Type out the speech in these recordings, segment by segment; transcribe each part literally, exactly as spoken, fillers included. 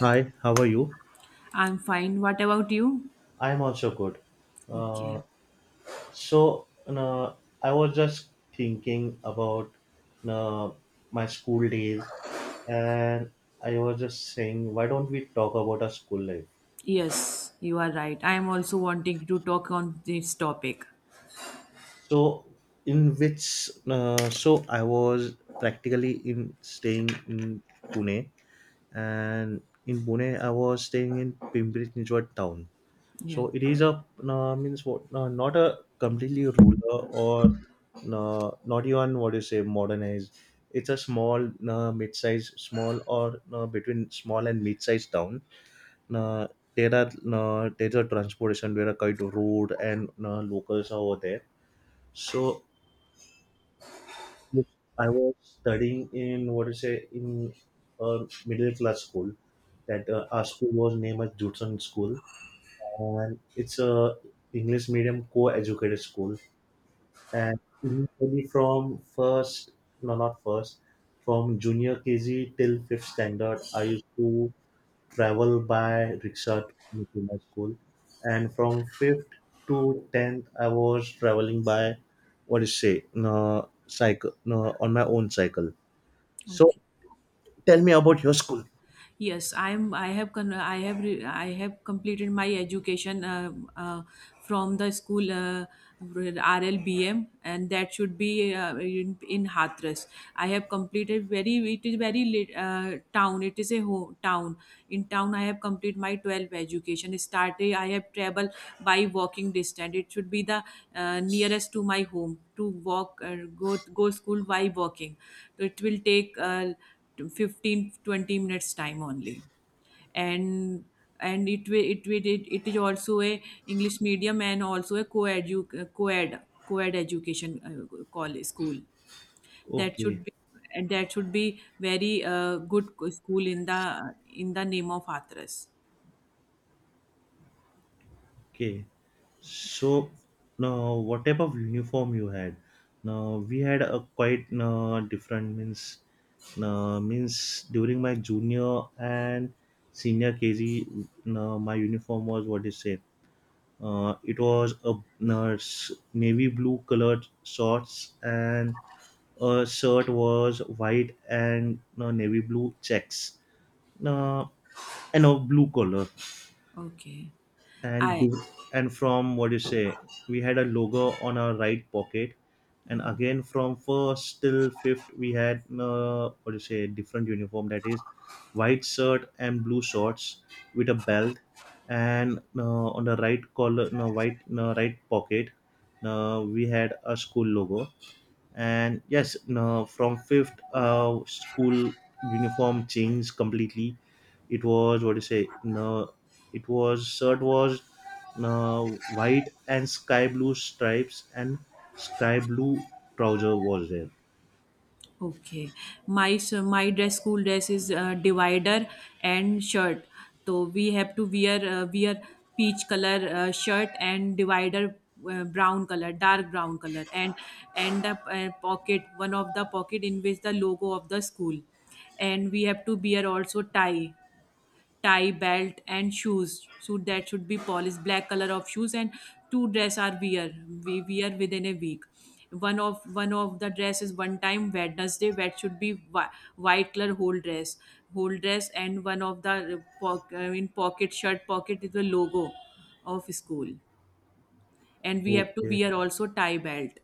Hi, how are you? I'm fine. What about you? I'm also good. Uh, Okay. so, uh, I was just thinking about uh, my school days, and I was just saying, why don't we talk about our school life? Yes, you are right. I am also wanting to talk on this topic. So, in which, uh, so I was practically in staying in Pune, and in Pune, I was staying in Pimpri Chinchwad town. Yeah. So it is a uh, means what uh, not a completely ruler or uh, not even what you say modernized. It's a small uh, mid-size, small or uh, between small and mid-sized town. Uh, there are uh, there's a transportation, there are kind of road and uh, locals are over there. So I was studying in what you say in a middle class school. That uh, Our school was named as Judson School and it's a English medium co-educated school. And initially from first, no, not first, from junior K G till fifth standard, I used to travel by rickshaw to to my school. And from fifth to tenth, I was traveling by what do you say, no, cycle, no, on my own cycle. So Okay. tell me about your school. Yes, I'm. I have. Con- I have. Re- I have completed my education, uh, uh, from the school, uh, R L B M, and that should be, uh, in, in Hathras. I have completed very. It is very late, uh, town. It is a home town. In town, I have completed my twelfth education. Started. I have traveled by walking distance. It should be the, uh, nearest to my home to walk. Uh, go go school by walking. So it will take. Uh, to fifteen twenty minutes time only, and and it will it will it, it is also a english medium and also a co-edu co-ed co-ed education, uh, call school, that should Okay. be and that should be very, uh, good co- school in the in the name of Hathras. Okay, so now what type of uniform you had? Now we had a quite uh, different means. Now means during my junior and senior K G, now my uniform was what is it? Uh, it was a uh, s- navy blue colored shorts and a shirt was white and uh, navy blue checks. Now and a blue color Okay. and I div- and from what you say we had a logo on our right pocket, and again from first till fifth we had uh, what you say different uniform, that is white shirt and blue shorts with a belt, and uh, on the right collar, no, white, no, right pocket, uh, we had a school logo. And yes, no, from fifth uh, school uniform changed completely. It was what do you say, no, it was shirt was, no, white and sky blue stripes, and sky blue trouser was there. Okay, my, so my dress school dress is, uh, divider and shirt. So we have to wear, uh, wear peach color, uh, shirt and divider, uh, brown color, dark brown color, and and the, uh, pocket, one of the pocket in which the logo of the school, and we have to wear also tie tie, belt, and shoes. So that should be polished black color of shoes, and two dress are wear we wear within a week. One of one of the dress is one time Wednesday. That should be whi- white color whole dress, whole dress, and one of the uh, poc- I mean pocket, shirt pocket is the logo of school, and we have to Okay, wear also tie belt.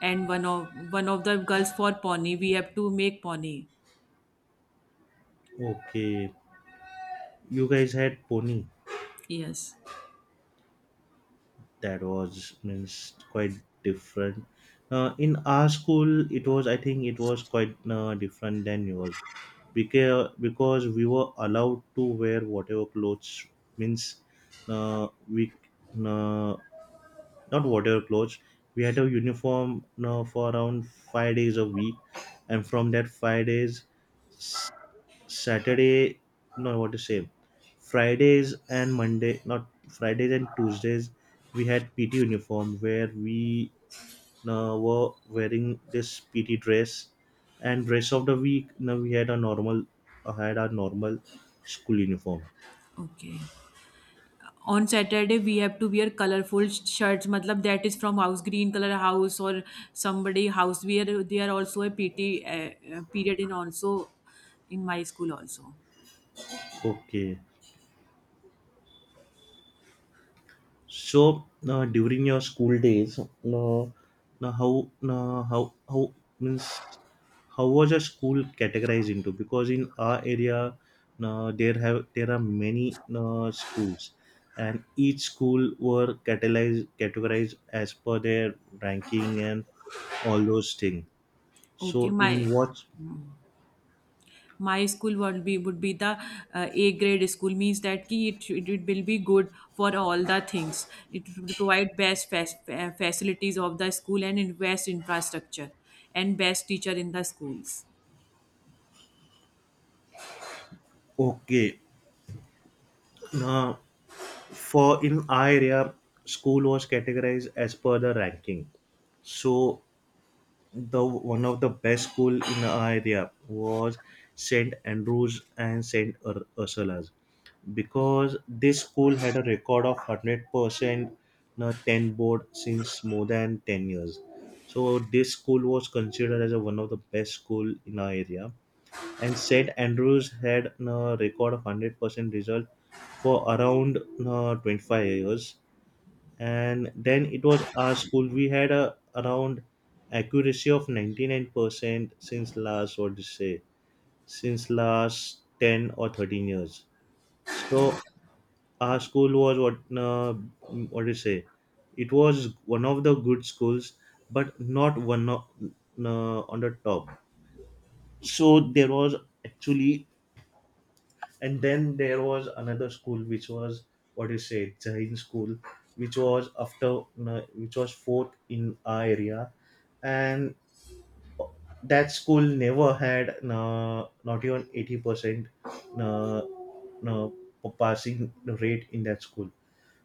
And one of one of the girls for pony, we have to make pony. okay, you guys had pony, Yes. that was means quite different. Uh, in our school it was, I think it was quite uh, different than yours, because because we were allowed to wear whatever clothes, means uh, we uh, not whatever clothes, we had a uniform uh, for around five days a week, and from that five days Saturday, no, what to say, Fridays and Monday, not Fridays and Tuesdays, we had P T uniform where we uh, were wearing this P T dress, and rest of the week, now we had a normal, uh, had our normal school uniform. Okay. On Saturday, we have to wear colorful sh- shirts. Matlab, that is from house green color house or somebody house. We are, there also a P T uh, uh, period in also in my school also. Okay. So now during your school days, now now how now how how means how was your school categorized into? Because in our area, now there have there are many now schools, and each school were categorized categorized as per their ranking and all those things. Okay, So in my what my school would be would be the, uh, A grade school means that ki it, should- it will be good for all the things. It would provide best fac- uh, facilities of the school and in best infrastructure, and best teacher in the schools. okay now for in our area, school was categorized as per the ranking. So the one of the best school in our area was St Andrews and St Ur- Ursula's, because this school had a record of one hundred percent uh, ten board since more than ten years, so this school was considered as a, one of the best school in our area. And St Andrews had a record of one hundred percent result for around uh, twenty-five years, and then it was our school, we had a around accuracy of ninety-nine percent since last what to say, since last ten or thirteen years. So our school was what uh, what do you say, it was one of the good schools but not one of, uh, on the top. So there was actually, and then there was another school which was what do you say, Jain school, which was after, which was fourth in our area, and that school never had uh, not even eighty percent uh, uh, passing rate in that school.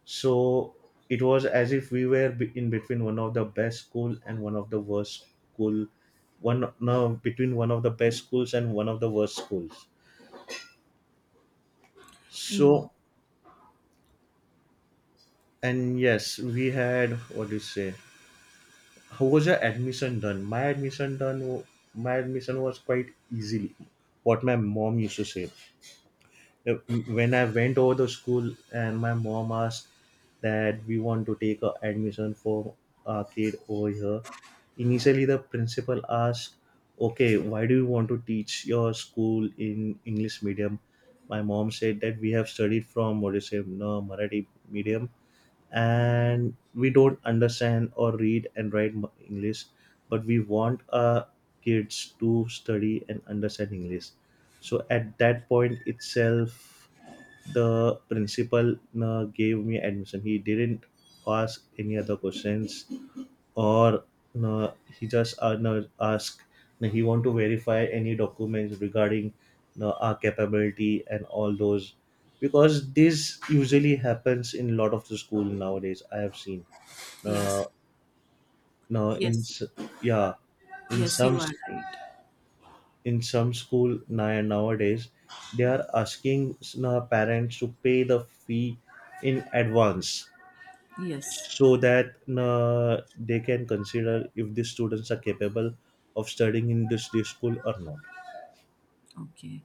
So it was as if we were be- in between one of the best school and one of the worst school, one no between one of the best schools and one of the worst schools. In So and yes, we had what do you say? How was your admission done? My admission done. wa- My admission was quite easily. What my mom used to say, Uh, when I went over the school, and my mom asked that we want to take a admission for our kid over here. Initially, the principal asked, "Okay, why do you want to teach your school in English medium?" My mom said that we have studied from what do you say, no, Marathi medium, and we don't understand or read and write mu- english, but we want our kids to study and understand english. So at that point itself, the principal uh, gave me admission, he didn't ask any other questions, or no, he just uh, no, ask, no, he want to verify any documents regarding, no, our capability and all those, because this usually happens in a lot of the school nowadays, I have seen, uh, Yes, no, in yes, s- yeah in yes, some you are s- right. in some school now nowadays they are asking s- no, parents to pay the fee in advance, Yes. so that uh, they can consider if the students are capable of studying in this, this school or not. Okay.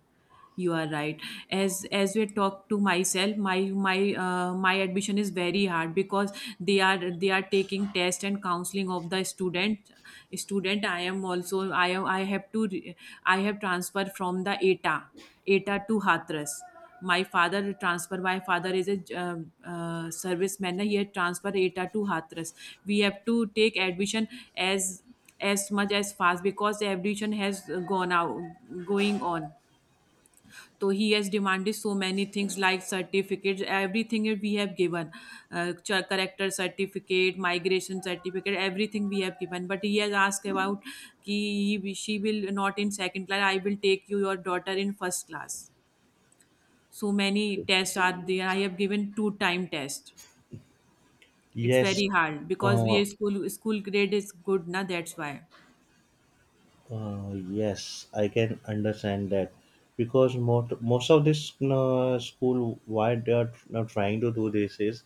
You are right. As as we talk to myself, my my uh, my admission is very hard because they are they are taking test and counseling of the student. Student, I am also I am I have to re- I have transferred from the E T A. E T A to Hathras. My father transfer. My father is a uh, uh, serviceman. He had transfer E T A to Hathras. We have to take admission as as much as fast because the admission has gone out going on. So he has demanded so many things like certificates, everything we have given, uh, ch- character certificate, migration certificate, everything we have given. But he has asked about कि he, she will not in second class. I will take you your daughter in first class. So many tests are there. I have given two time test. It's Yes, very hard because we uh, are school school grade is good now. That's why. uh, yes I can understand that, because most, most of this uh, school why they are now trying to do this is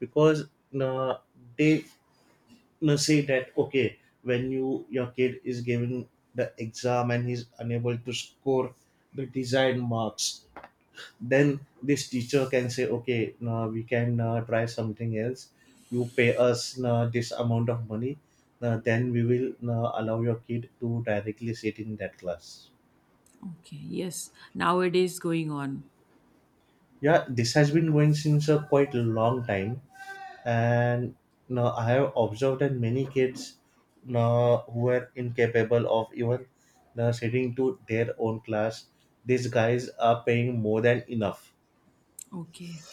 because uh, they uh, say that okay when you your kid is giving the exam and he's unable to score the desired marks, then this teacher can say okay now we can uh, try something else, you pay us uh, this amount of money, uh, then we will uh, allow your kid to directly sit in that class. Okay. Yes. Nowadays going on. Yeah, this has been going since a quite long time, and now I have observed that many kids now who are incapable of even now sitting to their own class, these guys are paying more than enough, Okay.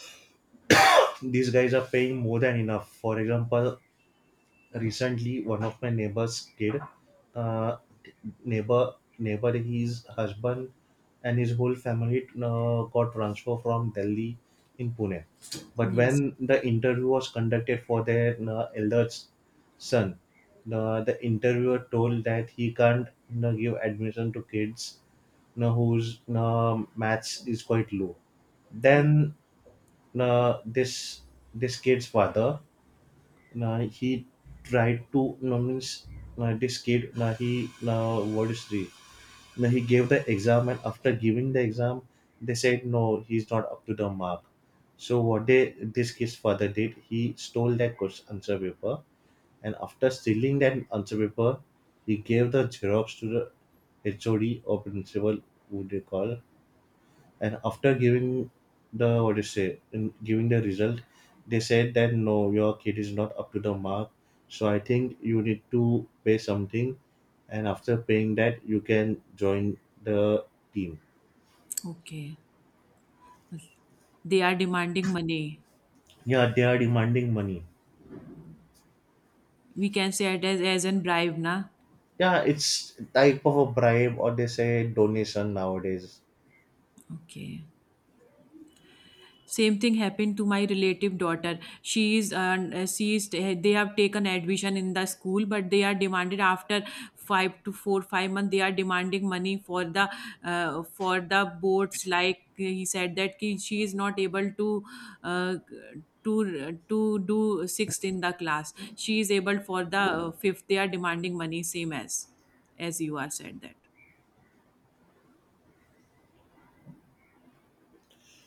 these guys are paying more than enough. For example, recently one of my neighbor's kid, uh, neighbor neighbor his husband and his whole family uh, got transfer from delhi in pune, but Yes. when the interview was conducted for their uh, elder son, uh, the interviewer told that he can't you give admission to kids you whose uh, maths is quite low. Oh, Then uh, this this kid's father, Nah, he tried to no means, nah, this kid nah, he nah, what is the, nah, he gave the exam, and after giving the exam they said no he's not up to the mark. So what they this kid's father did, he stole that question answer paper, and after stealing that answer paper he gave the xerox to the H O D or principal who they call. And after giving the what do you say in giving the result, they said that no your kid is not up to the mark, so I think you need to pay something, and after paying that you can join the team. okay. They are demanding money. Yeah, they are demanding money. We can say it as as in bribe, na. Yeah, it's type of a bribe, or they say donation nowadays. Okay. Same thing happened to my relative daughter. She is uh, she is eh, they have taken admission in the school, but they are demanded after five to 4 5 months they are demanding money for the, uh, for the boards like, eh, he said that ki she is not able to, uh, to to do sixth in the class, she is able for the, uh, fifth, they are demanding money same as as you are said that.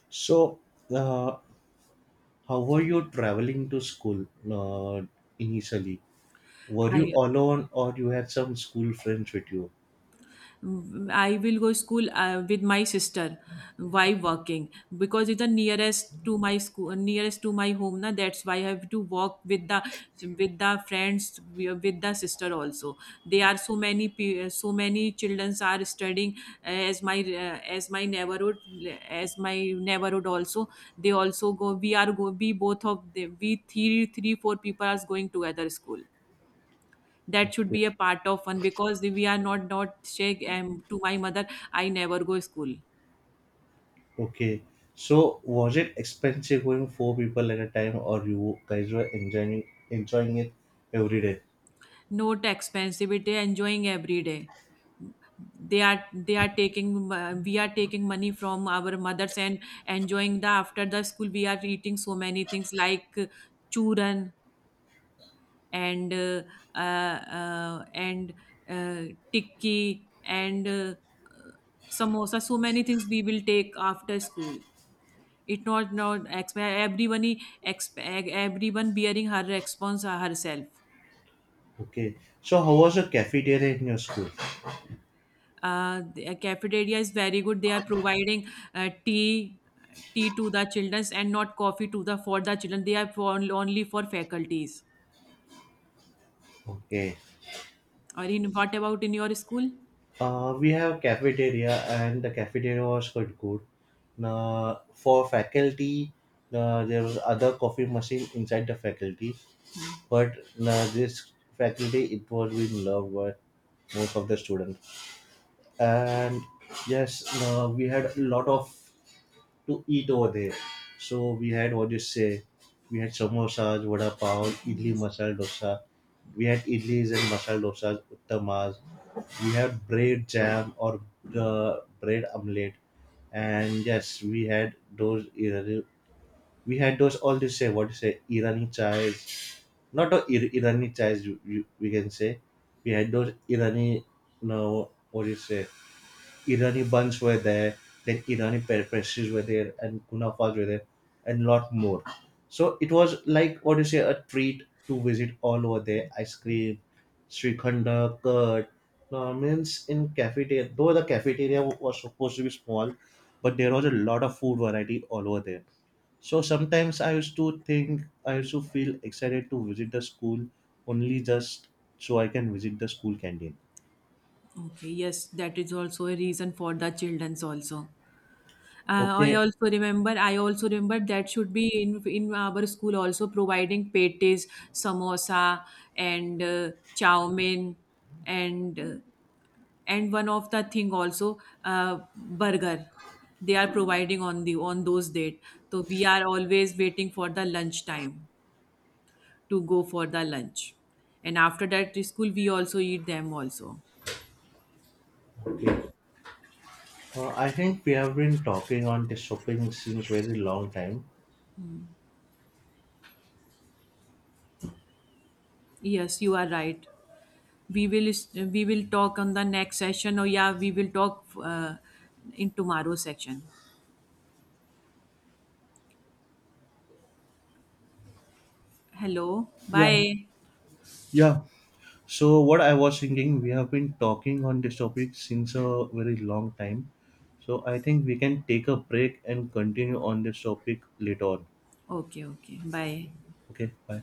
So uh, how were you traveling to school uh, initially? Were you i alone or you had some school friends with you? I will go school, uh, with my sister while working because it's the nearest to my school, nearest to my home. Na, that's why I have to walk with the with the friends, with the sister also. There are so many pe- so many children are studying, uh, as my uh, as my neighborhood as my neighborhood also. They also go. We are go. We both of the we three three four people are going together school. That should be a part of one because we are not not saying, um, to my mother, I never go school. Okay. So was it expensive going four people at a time, or you guys were enjoying enjoying it every day? Not expensivity, enjoying every day. They are they are taking uh, We are taking money from our mothers and enjoying the after the school we are eating so many things like, uh, churan, and uh, uh, uh, and uh, tikki, and uh, samosa, so many things we will take after school. It not Not exp- everyone he exp- everyone bearing her response, uh, herself. Okay. So how was the cafeteria in your school? Uh, the, uh, cafeteria is very good. They are providing, uh, tea tea to the children, and not coffee to the, for the children. They are for, only for faculties. Okay. Or in what about in your school? Uh, we have cafeteria and the cafeteria was quite good. Now for faculty, uh, there was other coffee machine inside the faculty, but uh, this faculty it was being loved by most of the students. And yes, uh, we had a lot of to eat over there. So we had what do you say, we had samosas, vada pav, idli, Yes. masala dosa. We had idlis and masala dosas, uttamas. We had bread jam or uh, bread omelette. And yes, we had those. Irani- We had those all you say what you say Irani chais, not a Ir- Irani chais. You, you, we can say we had those Irani. No, what do you say? Irani buns were there, then Irani pe- pastries were there, and kunafas were there, and lot more. So it was like what do you say a treat to visit all over there. Ice cream, Srikhanda, curd. Now, means in cafeteria, though the cafeteria was supposed to be small, but there was a lot of food variety all over there. So sometimes I used to think, I used to feel excited to visit the school only just so I can visit the school canteen. Okay, yes, that is also a reason for the children's also. Uh, I Okay, also remember. I also remember that should be in in our school also providing patties, samosa, and, uh, chow mein, and uh, and one of the thing also, uh, burger. They are providing on the on those date. So we are always waiting for the lunch time to go for the lunch, and after that to school we also eat them also. okay. Uh, I think we have been talking on this shopping since very long time. Yes, you are right. we will we will talk on the next session, or yeah, we will talk, uh, in tomorrow's section. Hello, Yeah, bye. yeah, so what I was thinking, we have been talking on this topic since a very long time. So I think we can take a break and continue on this topic later on. Okay, okay, bye. Okay, bye.